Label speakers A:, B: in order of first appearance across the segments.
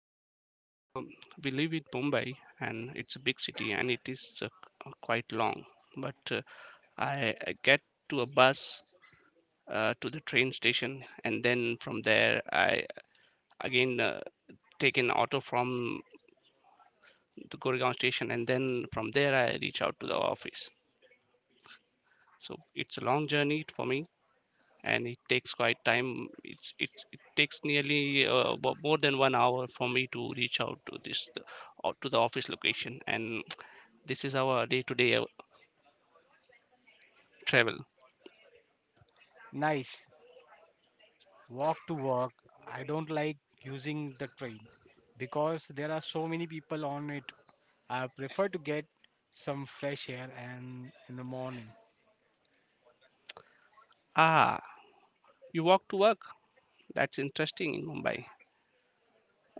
A: Well, because we live in Mumbai, and it's a big city, and it is quite long. But I get to a bus, to the train station, and then from there I again take an auto from to Goregaon station, and then from there I reach out to the office. So it's a long journey for me, and it takes quite time. It takes nearly more than 1 hour for me to reach out to this or to the office location, and this is our day-to-day travel.
B: Nice. Walk to work. I don't like using the train because there are so many people on it. I prefer to get some fresh air and in the morning.
A: Ah, you walk to work. That's interesting in Mumbai.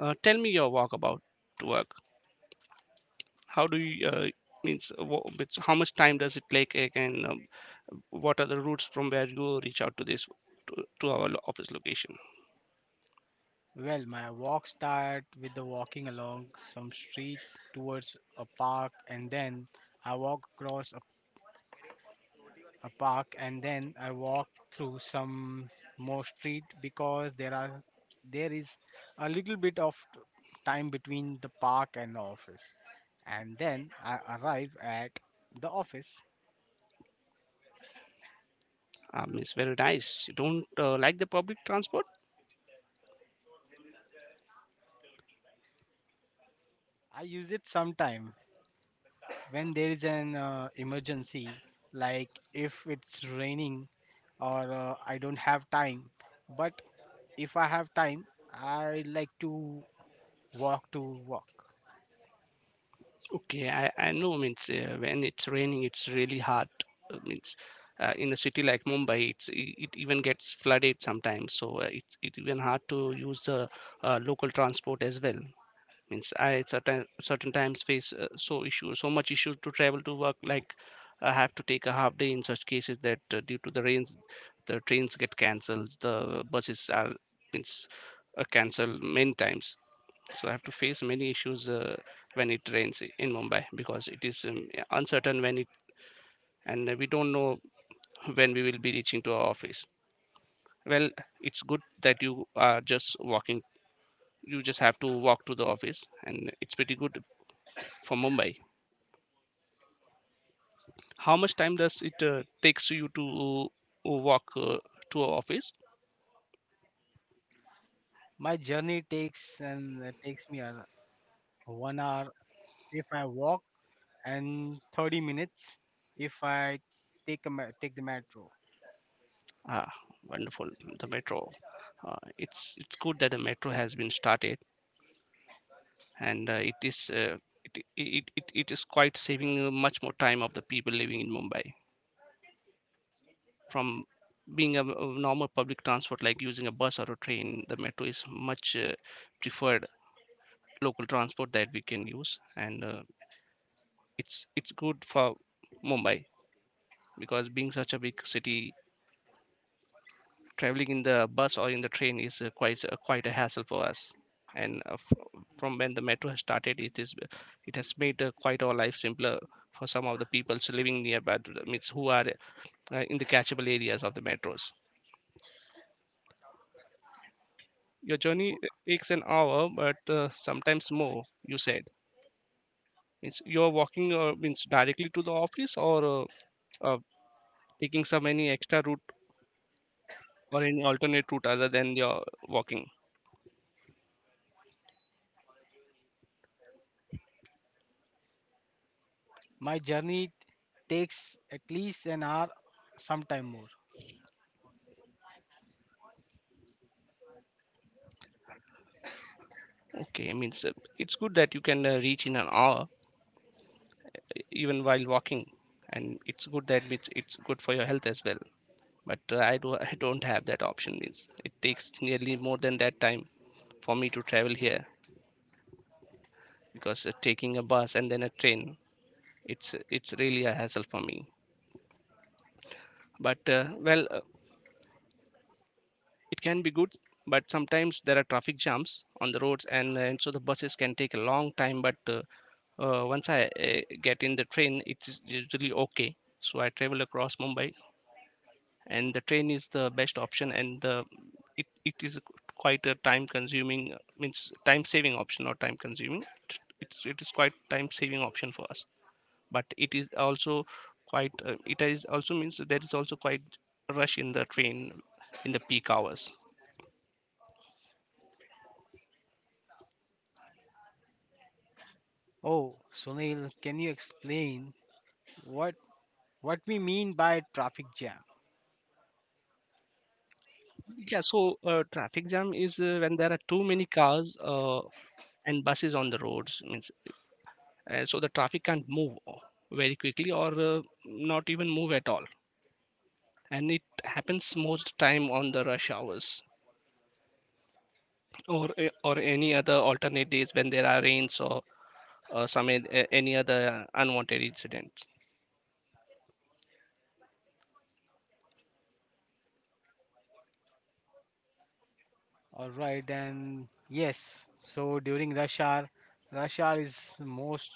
A: Tell me your walk about to work. How do you means, how much time does it take? And what are the routes from where you reach out to to, to our office location?
B: Well, my walk start with the walking along some street towards a park, and then I walk across a park, and then I walk through some more street because there is a little bit of time between the park and the office, and then I arrive at the office.
A: It's very nice you don't like the public transport.
B: I use it sometime when there is an emergency like if it's raining or I don't have time, but if I have time I like to walk to walk.
A: Okay, I know, means, when it's raining, it's really hard. Means In a city like Mumbai, it even gets flooded sometimes, so it even hard to use the local transport as well. Means I certain times face so much issues to travel to work. Like, I have to take a half day in such cases, that due to the rains, the trains get cancelled, the buses are, means, are cancelled many times. So I have to face many issues when it rains in Mumbai, because it is uncertain when it, and we don't know when we will be reaching to our office. Well, it's good that you are just walking. You just have to walk to the office, and it's pretty good for Mumbai. How much time does it takes you to walk to our office?
B: My journey takes me 1 hour if I walk and 30 minutes if I take the metro.
A: Ah, wonderful. The metro. It's good that the metro has been started, and it is it is quite saving much more time of the people living in Mumbai, from being a normal public transport like using a bus or a train. The metro is much preferred local transport that we can use, and it's good for Mumbai, because being such a big city, traveling in the bus or in the train is quite a hassle for us. And from when the metro has started, it is, it has made quite our life simpler, for some of the people living nearby to the, means, who are in the catchable areas of the metros. Your journey
B: W-
A: takes an hour, but sometimes more, you said. Means you're walking, means directly to the office, or uh, uh, taking some any extra route or any alternate route other than your walking?
B: my journey takes at least an hour, sometime more.
A: Okay, means, it's good that you can reach in an hour even while walking, and it's good that it's good for your health as well. But I do, I don't have that option. Means, it takes nearly more than that time for me to travel here, because taking a bus and then a train, it's really a hassle for me. But it can be good, but sometimes there are traffic jams on the roads, and so the buses can take a long time. But once I get in the train, it's usually okay, so I travel across Mumbai, and the train is the best option. And the it is quite a time consuming means time saving option, not time consuming. It is quite time saving option for us. But it is also quite it is also, means that there is also quite rush in the train in the peak hours.
B: Oh, Sunil, can you explain what we mean by traffic jam.
A: Yeah, so traffic jam is when there are too many cars and buses on the roads, means, so the traffic can't move very quickly, or not even move at all. And it happens most time on the rush hours, or or any other alternate days when there are rains, or any other unwanted incidents.
B: All right, and yes, so during rush hour is most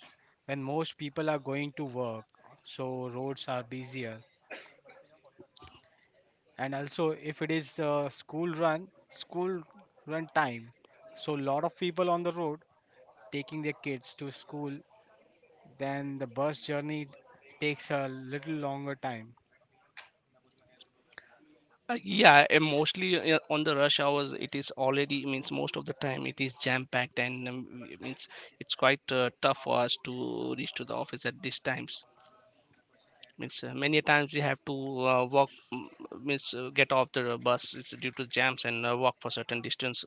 B: when most people are going to work, so roads are busier. And also, if it is school run time, so lot of people on the road taking their kids to school, then the bus journey takes a little longer time.
A: Yeah, and mostly on the rush hours, it is already, means, most of the time it is jam packed, and it means it's quite tough for us to reach to the office at these times. Means many a times we have to walk, means get off the bus, it's due to jams, and walk for certain distance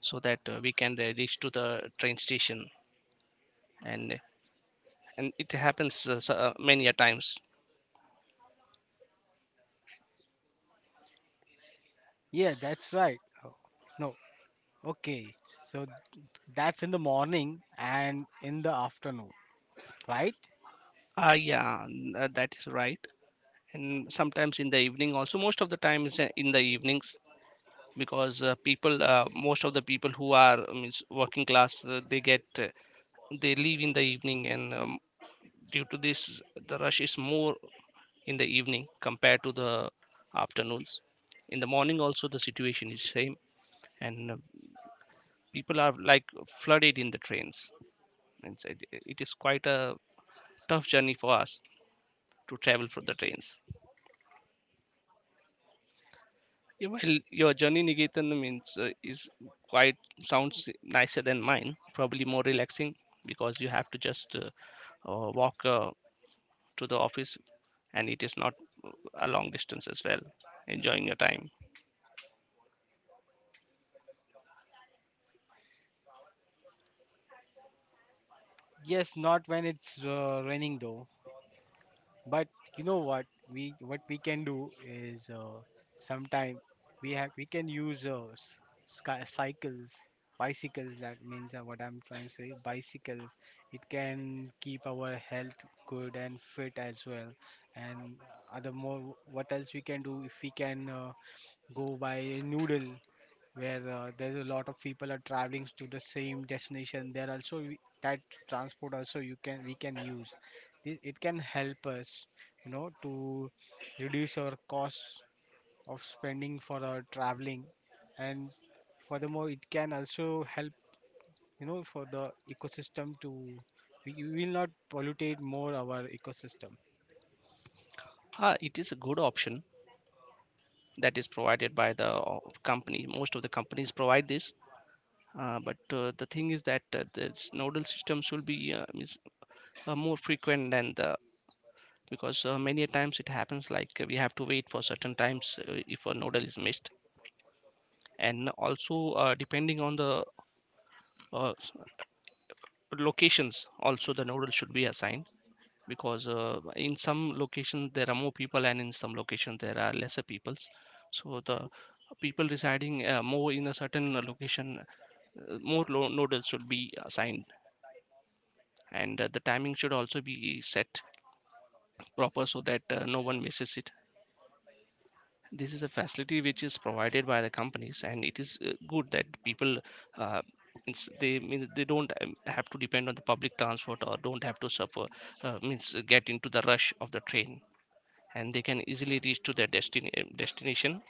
A: so that we can reach to the train station. and and it happens many a times.
B: Yeah, that's right. Oh, no, okay. So that's in the morning and in the afternoon, right?
A: Ah, yeah, that is right. And sometimes in the evening also, most of the time is in the evenings, because people most of the people who are is working class, they leave in the evening, and due to this, the rush is more in the evening compared to the afternoons. In the morning also the situation is same, and people are like flooded in the trains, and so it is quite a tough journey for us to travel for the trains. Yeah, while your journey, Nigetan, means is quite, sounds nicer than mine, probably more relaxing, because you have to just walk to the office, and it is not uh, a long distance as well, enjoying your time.
B: Yes, not when it's raining though. But you know what we can do is sometime we can use sky, cycles, bicycles. That means what I'm trying to say, bicycles. It can keep our health good and fit as well. And other more, what else we can do if we can go by a noodle where there's a lot of people are traveling to the same destination, there also that transport also you can we can use. It can help us, you know, to reduce our costs of spending for our traveling, and furthermore it can also help, you know, for the ecosystem to, we will not pollutate more our ecosystem.
A: Ah, it is a good option that is provided by the company. Most of the companies provide this. But the thing is that nodal systems will be more frequent than the, because many times it happens, like we have to wait for certain times if a nodal is missed. And also depending on the uh, s- locations also, the nodal should be assigned, because in some locations there are more people, and in some locations there are lesser peoples. So the people residing more in a certain location, nodals should be assigned, and the timing should also be set proper, so that no one misses it. This is a facility which is provided by the companies, and it is good that people uh, they, means they don't have to depend on the public transport, or don't have to suffer means get into the rush of the train, and they can easily reach to their destination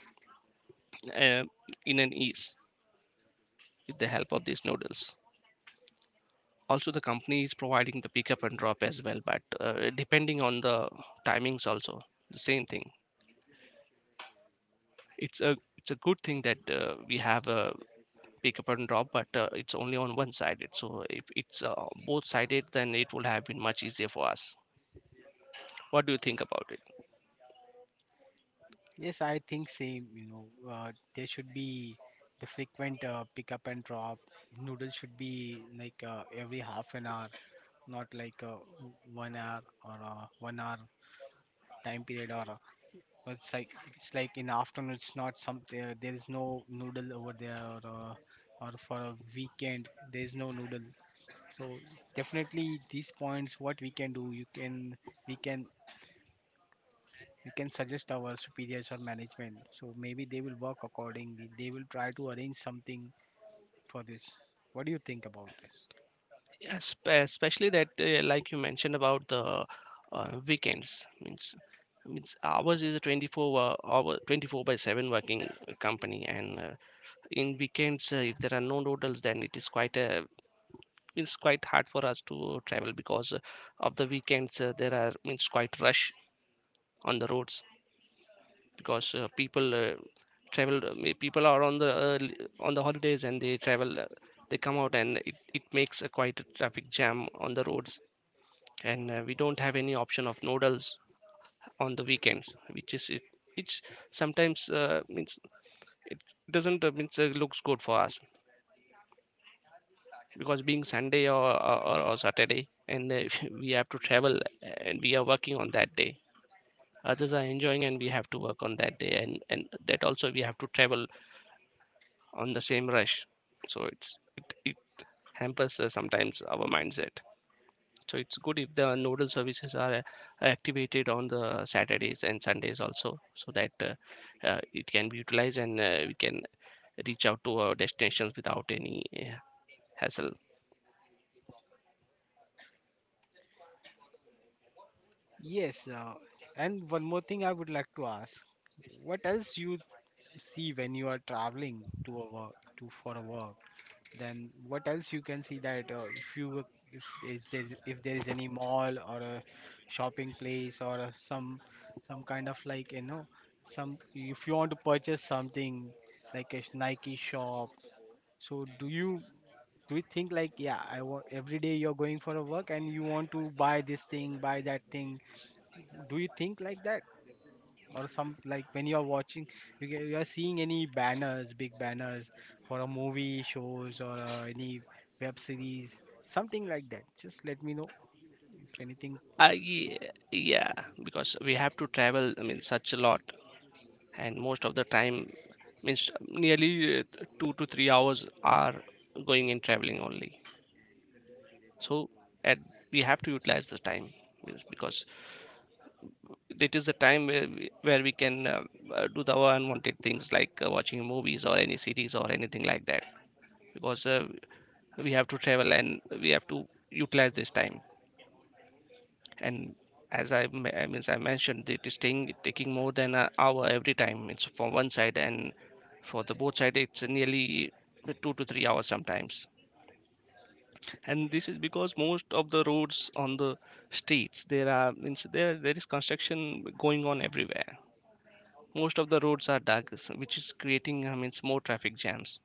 A: uh, in an ease with the help of these noodles. Also the company is providing the pickup and drop as well, but depending on the timings also, the same thing. It's a good thing that we have a pick up and drop, but it's only on one sided. So if it's both sided, then it would have been much easier for us. What do you think about it?
B: Yes, I think same. You know, there should be the frequent pick up and drop. Noodles should be like every half an hour, not like 1 hour or 1 hour time period. Or it's like, it's like in afternoon. It's not something. There is no noodle over there, or for a weekend there is no noodle. So definitely these points, what we can do, we can you can suggest our superiors or management. So maybe they will work accordingly. They will try to arrange something for this. What do you think about this?
A: Yes, especially that like you mentioned about the weekends means means ours is a 24 hour, 24 by 7 working company. And in weekends, if there are no noodles, then it is quite a, it's quite hard for us to travel, because of the weekends, there are, means, quite rush on the roads, because people travel people are on the on the holidays and they travel, they come out, and it makes a quite a traffic jam on the roads. And we don't have any option of noodles on the weekends, which is it, which sometimes means it doesn't means looks good for us, because being Sunday or Saturday, and we have to travel, and we are working on that day. Others are enjoying, and we have to work on that day, and that also we have to travel on the same rush. So it's it hampers sometimes our mindset. So it's good if the nodal services are activated on the Saturdays and Sundays also, so that it can be utilized, and we can reach out to our destinations without any uh, hassle.
B: Yes, and one more thing I would like to ask. What else you see when you are traveling to a work to for a work? Then what else you can see that if you were, if is there, if there is any mall or a shopping place or a, some kind of like, you know, some, if you want to purchase something like a Nike shop. So do you think like, yeah, I want, every day you're going for a work and you want to buy this thing, buy that thing. Do you think like that? Or some, like when you are watching, you get, you are seeing any banners, big banners for a movie shows or any web series, something like that, just let me know if anything.
A: uh, ye- yeah, because we have to travel, I mean, such a lot, and most of the time, means, nearly uh, 2 to 3 hours are going in traveling only. So, and we have to utilize the time, because it is a Time where where we can do the unwanted things like watching movies or any series or anything like that. Because we have to travel and we have to utilize this time. And as I, me- I means I mentioned, it is taking more than an hour every time. It's for one side, and for the both side it's nearly 2 to 3 hours sometimes. And this is because most of the roads on the streets, there are means there is construction going on everywhere. Most of the roads are dug which is creating, I mean, more traffic jams.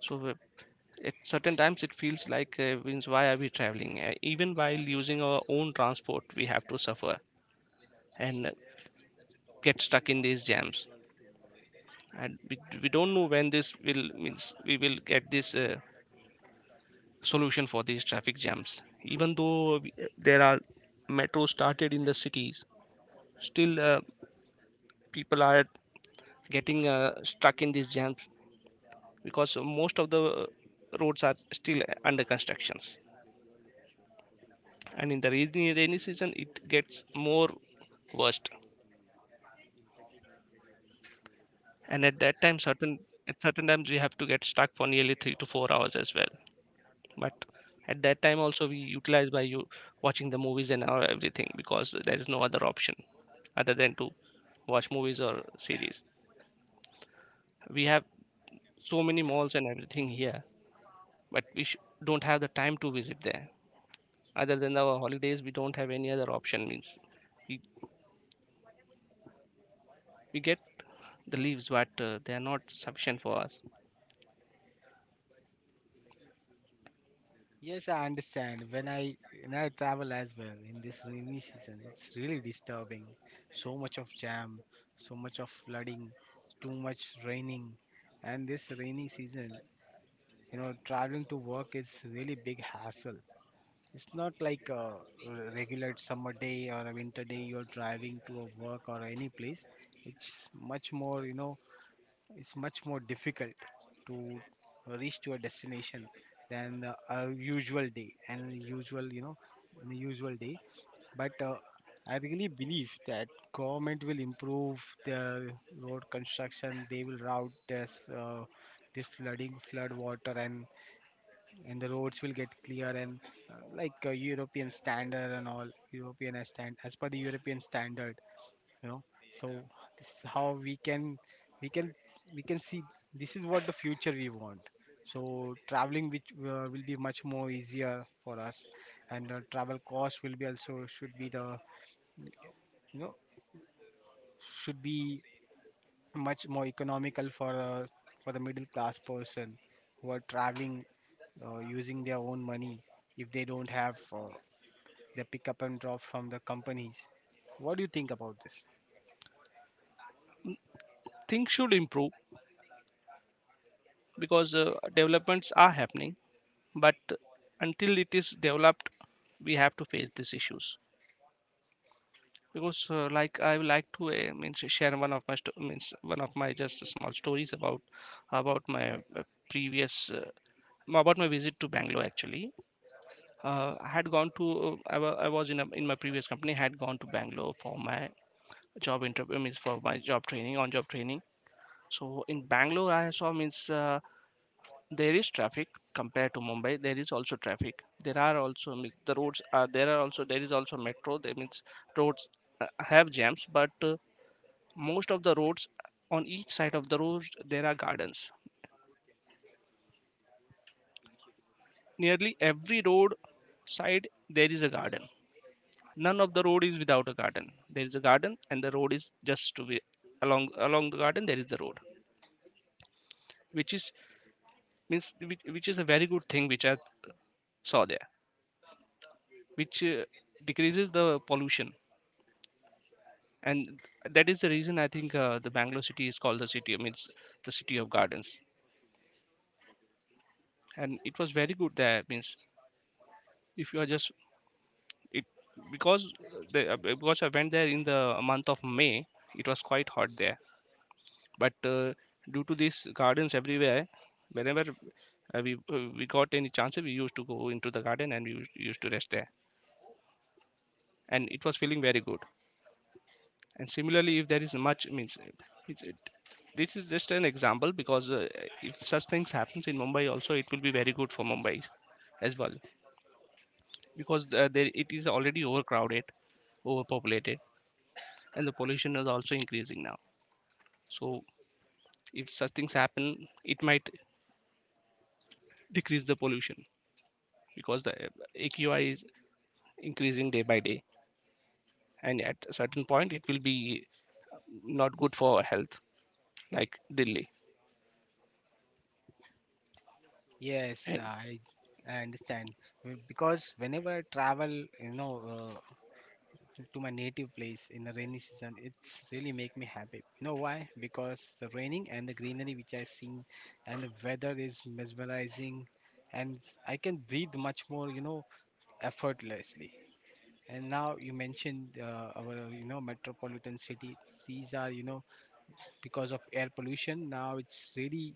A: So at certain times it feels like, means why are we traveling? Even while using our own transport, we have to suffer and get stuck in these jams. And we don't know when this will, means we will get this, solution for these traffic jams. Even though there are metro started in the cities, still people are getting, stuck in these jams, because most of the roads are still under constructions. And in the rainy season it gets more worst, and at that time certain at certain times we have to get stuck for nearly 3 to 4 hours as well. But at that time also we utilize by you watching the movies and our everything, because there is no other option other than to watch movies or series. We have so many malls and everything here, but don't have the time to visit there. Other than our holidays, we don't have any other option. Means we, we get the leaves, but they are not sufficient for us.
B: Yes, I understand when I travel as well in this rainy season it's really disturbing, so much of jam, so much of flooding, too much raining. And this rainy season, you know, traveling to work is really big hassle. It's not like a regular summer day or a winter day you're driving to a work or any place. It's much more, you know, it's much more difficult to reach to a destination than a usual day and usual, you know, the usual day. But I really believe that government will improve their road construction. They will route this flooding, flood water, and the roads will get clear and like European standard and all, European as per the European standard, you know. So this is how we can, we can, we can see this is what the future we want. So traveling which will be much more easier for us, and travel cost will be also should be the, you know, should be much more economical for the middle class person who are traveling using their own money if they don't have they pick up and drop from the companies. What do you think about this?
A: Things should improve, because developments are happening, but until it is developed we have to face these issues. Because like I would like to, means share one of my sto- means one of my just small stories about my uh, previous, uh, about my visit to Bangalore. Actually, I had gone to, I was in a, in my previous company. I had gone to Bangalore for my job interview means for my job training, on job training. So in Bangalore I saw, means there is traffic. Compared to Mumbai, there is also traffic. There are also, means the roads are there are also, there is also metro. That means Roads have jams, but most of the roads, on each side of the road there are gardens. Nearly every road side there is a garden. None of the road is without a garden. There is a garden and the road is just to be along the garden. There is the road, which is, means which is a very good thing which I saw there, which decreases the pollution. And that is the reason, I think the Bangalore city is called the city means the city of gardens. And it was very good there. Means If you are just it, because I went there in the month of May, it was quite hot there. But due to these gardens everywhere, whenever we got any chance we used to go into the garden and we used used to rest there, and it was feeling very good. And similarly, if there is much, it, it, this is just an example. Because if such things happens in Mumbai also, it will be very good for Mumbai as well. Because there it is already overcrowded, overpopulated, and the pollution is also increasing now. So if such things happen, it might decrease the pollution, because the AQI is increasing day by day, and at a certain point it will be not good for health, like Delhi.
B: Yes,
A: And
B: I understand. Because whenever I travel, you know, to my native place in the rainy season, it's really make me happy. You know why? Because the raining and the greenery which I seen, and the weather is mesmerizing, and I can breathe much more, you know, effortlessly. And now you mentioned our, you know, metropolitan city. These are, you know, because of air pollution. Now it's really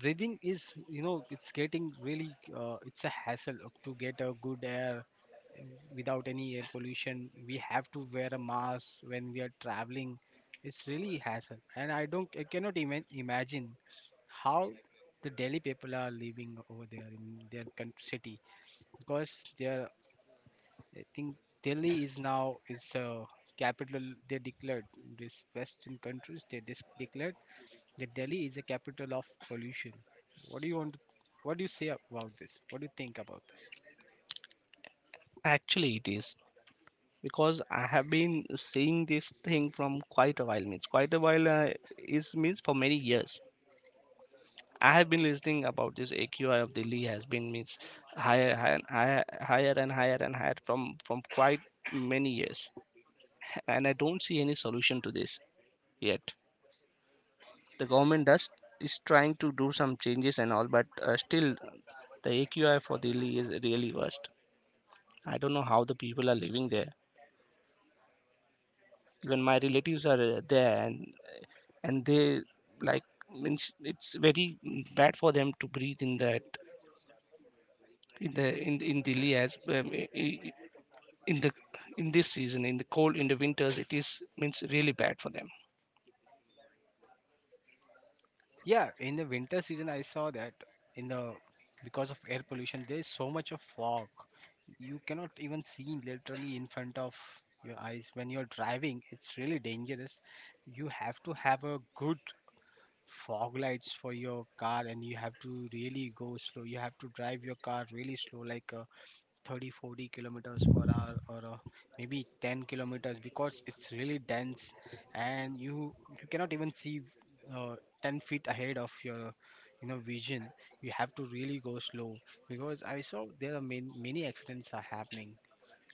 B: breathing is, you know, it's getting really it's a hassle to get a good air uh, without any air pollution. We have to wear a mask when we are traveling. It's really hassle, and I don't, I cannot even imagine how the Delhi people are living over there in their country city because they're, I think Delhi is now is a capital. They declared, this western countries, they just declared that Delhi is the capital of pollution. What do you want? What do you say about this? What do you think about this?
A: actually, it is, because I have been seeing this thing from quite a while. Means Quite a while, is means for many years I have been listening about this. AQI of Delhi has been, means higher and higher, higher and higher from quite many years, and I don't see any solution to this yet. The government does is trying to do some changes and all, but still the AQI for Delhi is really worst. I don't know how the people are living there. Even my relatives are there, and they, like, means it's very bad for them to breathe in that in the in Delhi. As I- in the In this season, in the winters, it is, means really bad for them.
B: Yeah, in the winter season, I saw that in the, because of air pollution, there is so much of fog. You cannot even see literally in front of your eyes when you're driving. It's really dangerous. You have to have a good fog lights for your car, and you have to really go slow. You have to drive your car really slow, like. 30, 40 kilometers per hour or maybe 10 kilometers because it's really dense. And you cannot even see uh, 10 feet ahead of your, you know, vision. You have to really go slow because I saw there are many, many accidents are happening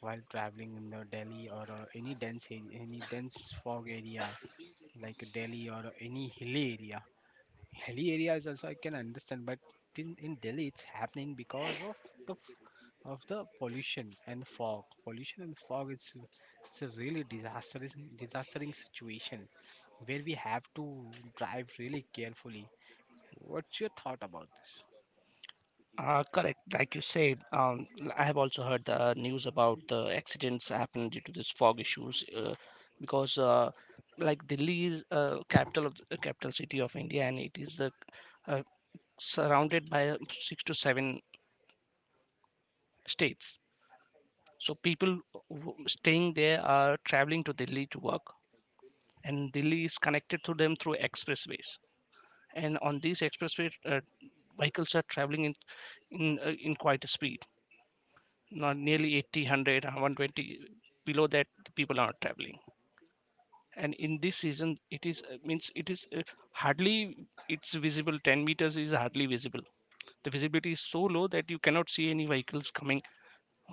B: while traveling in the Delhi or any dense fog area like Delhi or any hilly area. Hilly areas also I can understand, but in Delhi it's happening because of the f- of the pollution and fog. Pollution and fog, it's a really disastrous disastering situation where we have to drive really carefully. What's your thought about this?
A: Correct. Like you said, I have also heard the news about the accidents happened due to this fog issues. Because Like Delhi is, capital city of India, and it is the uh, surrounded by six to seven states. So people who staying there are traveling to Delhi to work, and Delhi is connected to them through expressways. And on these expressways, vehicles are traveling in, in quite a speed, not nearly 80, 100, 120. Below that the people are not traveling. And in this season it is, hardly it's visible. 10 meters is hardly visible. The visibility is so low that you cannot see any vehicles coming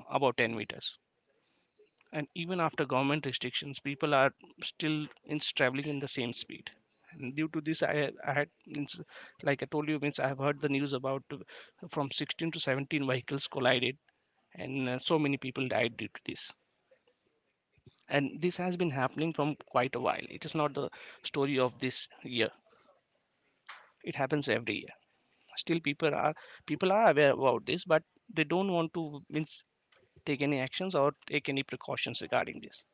A: above 10 meters. And even after government restrictions, people are still in traveling in the same speed. And due to I had, means, like I told you, means I have heard the news about, from 16 to 17 vehicles collided, and so many people died due to this. And this has been happening from quite a while. It is not the story of this year, it happens every year. Still people are aware about this, but they don't want to, means take any actions or take any precautions regarding this.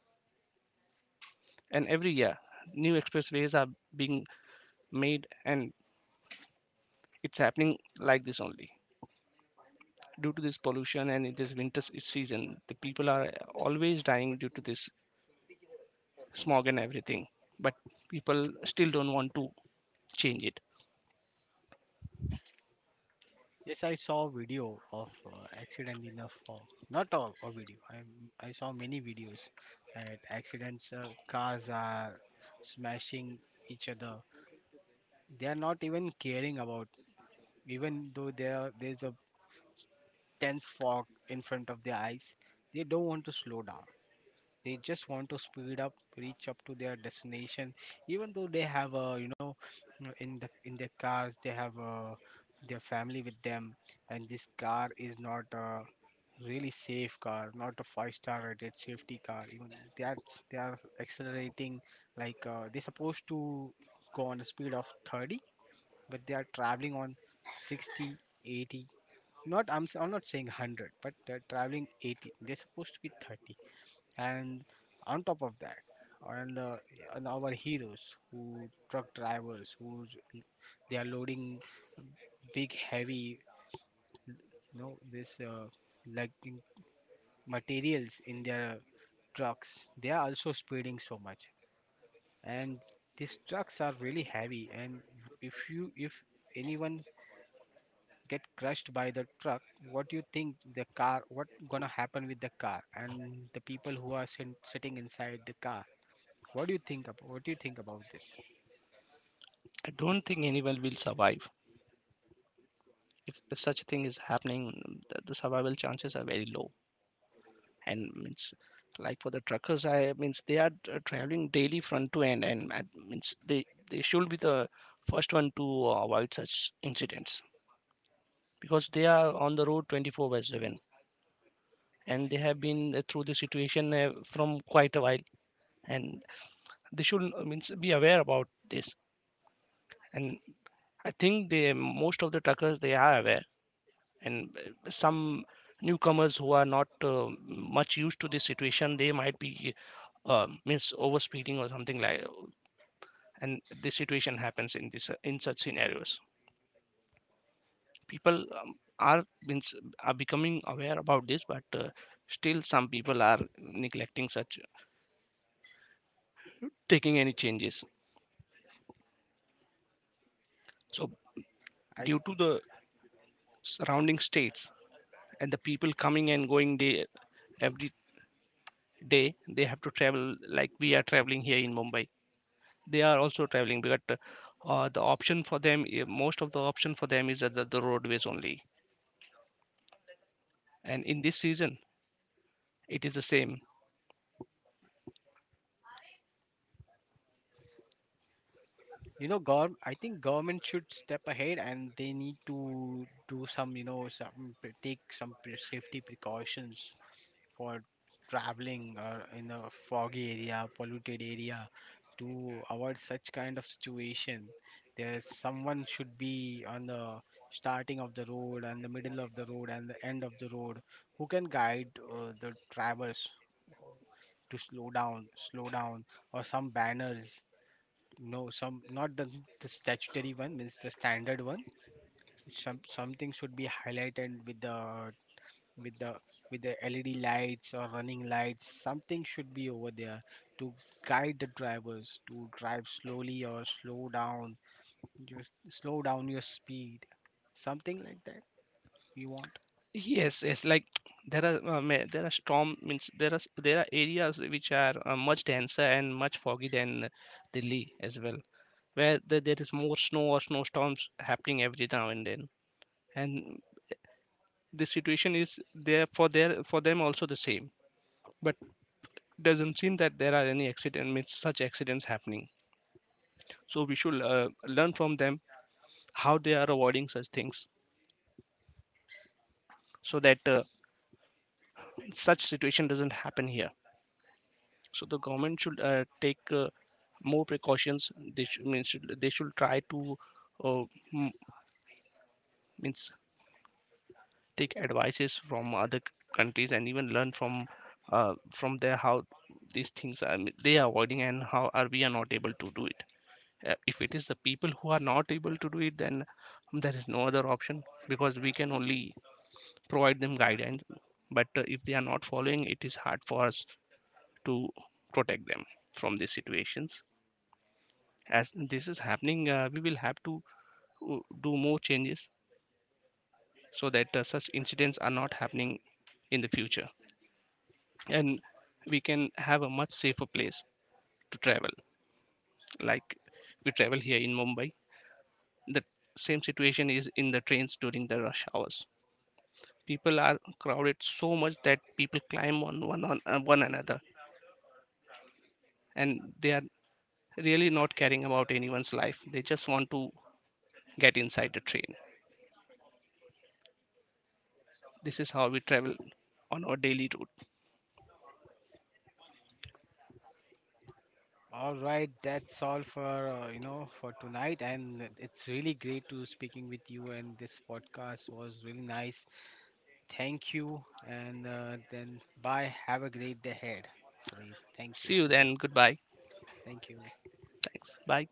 A: And every year new expressways are being made, and it's happening like this only. Due to this pollution, and in this winter season, the people are always dying due to this smog and everything. But people still don't want to change it.
B: Yes, I saw a video of accident in a fog. Not all a video. I saw many videos that accidents, cars are smashing each other. They are not even caring about, even though there there's a dense fog in front of their eyes, they don't want to slow down, they just want to speed up, reach up to their destination, even though they have a, you know, in their cars they have their family with them. And this car is not a really safe car, not a five-star rated safety car even. That's they are accelerating like they're supposed to go on a speed of 30, but they are traveling on 60, 80. Not I'm I'm not saying 100, but they're traveling 80. They're supposed to be 30. And on top of that, on the on our heroes who truck drivers who, they are loading big heavy, you know, this like in- materials in their trucks, they are also speeding so much. And these trucks are really heavy, and if you if anyone get crushed by the truck, what do you think the car what gonna happen with the car and the people who are sitting inside the car? What do you think about, what do you think about this?
A: I don't think anyone will survive. If such a thing is happening, the survival chances are very low. And like for the truckers, I means they are traveling daily front to end, and means they should be the first one to avoid such incidents, because they are on the road 24 by 7, and they have been through the situation from quite a while, and they should, means be aware about this. And I think they most of the truckers they are aware, and some newcomers who are not much used to this situation, they might be miss overspeeding or something like. And this situation happens in this, in such scenarios, people are means are becoming aware about this, but still some people are neglecting such, taking any changes. So
B: I
A: due to the surrounding states and the people coming and going day every day, they have to travel. Like we are traveling here in Mumbai, they are also traveling, but the option for them eh, most of the option for them is at the roadways only, and in this season it is the same.
B: You know, I think government should step ahead and they need to do some, you know, take some pre, safety precautions for traveling or in a foggy area, polluted area, to avoid such kind of situation. There's someone should be on the starting of the road and the middle of the road and the end of the road who can guide the drivers to slow down, or some banners. No, some not the, the statutory one means the standard one. Some something should be highlighted with with the the LED lights or running lights. Something should be over there to guide the drivers to drive slowly or slow down. Just slow down your speed. Something like that we want.
A: Yes, yes. Like there are there are storm means there are there are areas which are much denser and much foggy than Delhi as well, where there is more snow or snowstorms happening every now and then. And the situation is there for their, for them also the same. But doesn't seem that there are any accident, means such accidents happening. So we should learn from them how they are avoiding such things, so that such situation doesn't happen here. So the government should take more precautions. They should, means should they should try to, uh, m- means take advices from other countries, and even learn from there how these things are they are avoiding, and how are we are not able to do it. If it is the people who are not able to do it, then there is no other option, because we can only provide them guidance. But if they are not following, it is hard for us to protect them from these situations. As this is happening, we will have to do more changes so that such incidents are not happening in the future, and we can have a much safer place to travel. Like we travel here in Mumbai, the same situation is in the trains during the rush hours. People are crowded so much that people climb on one another, and they are really not caring about anyone's life. They just want to get inside the train. This is how we travel on our daily route.
B: All right, that's all for you know for tonight, and it's really great to speaking with you. And this podcast was really nice. Thank you, and then bye. Have a great day ahead. So thank you,
A: See you then. Goodbye.
B: thank you.
A: Thanks. Bye.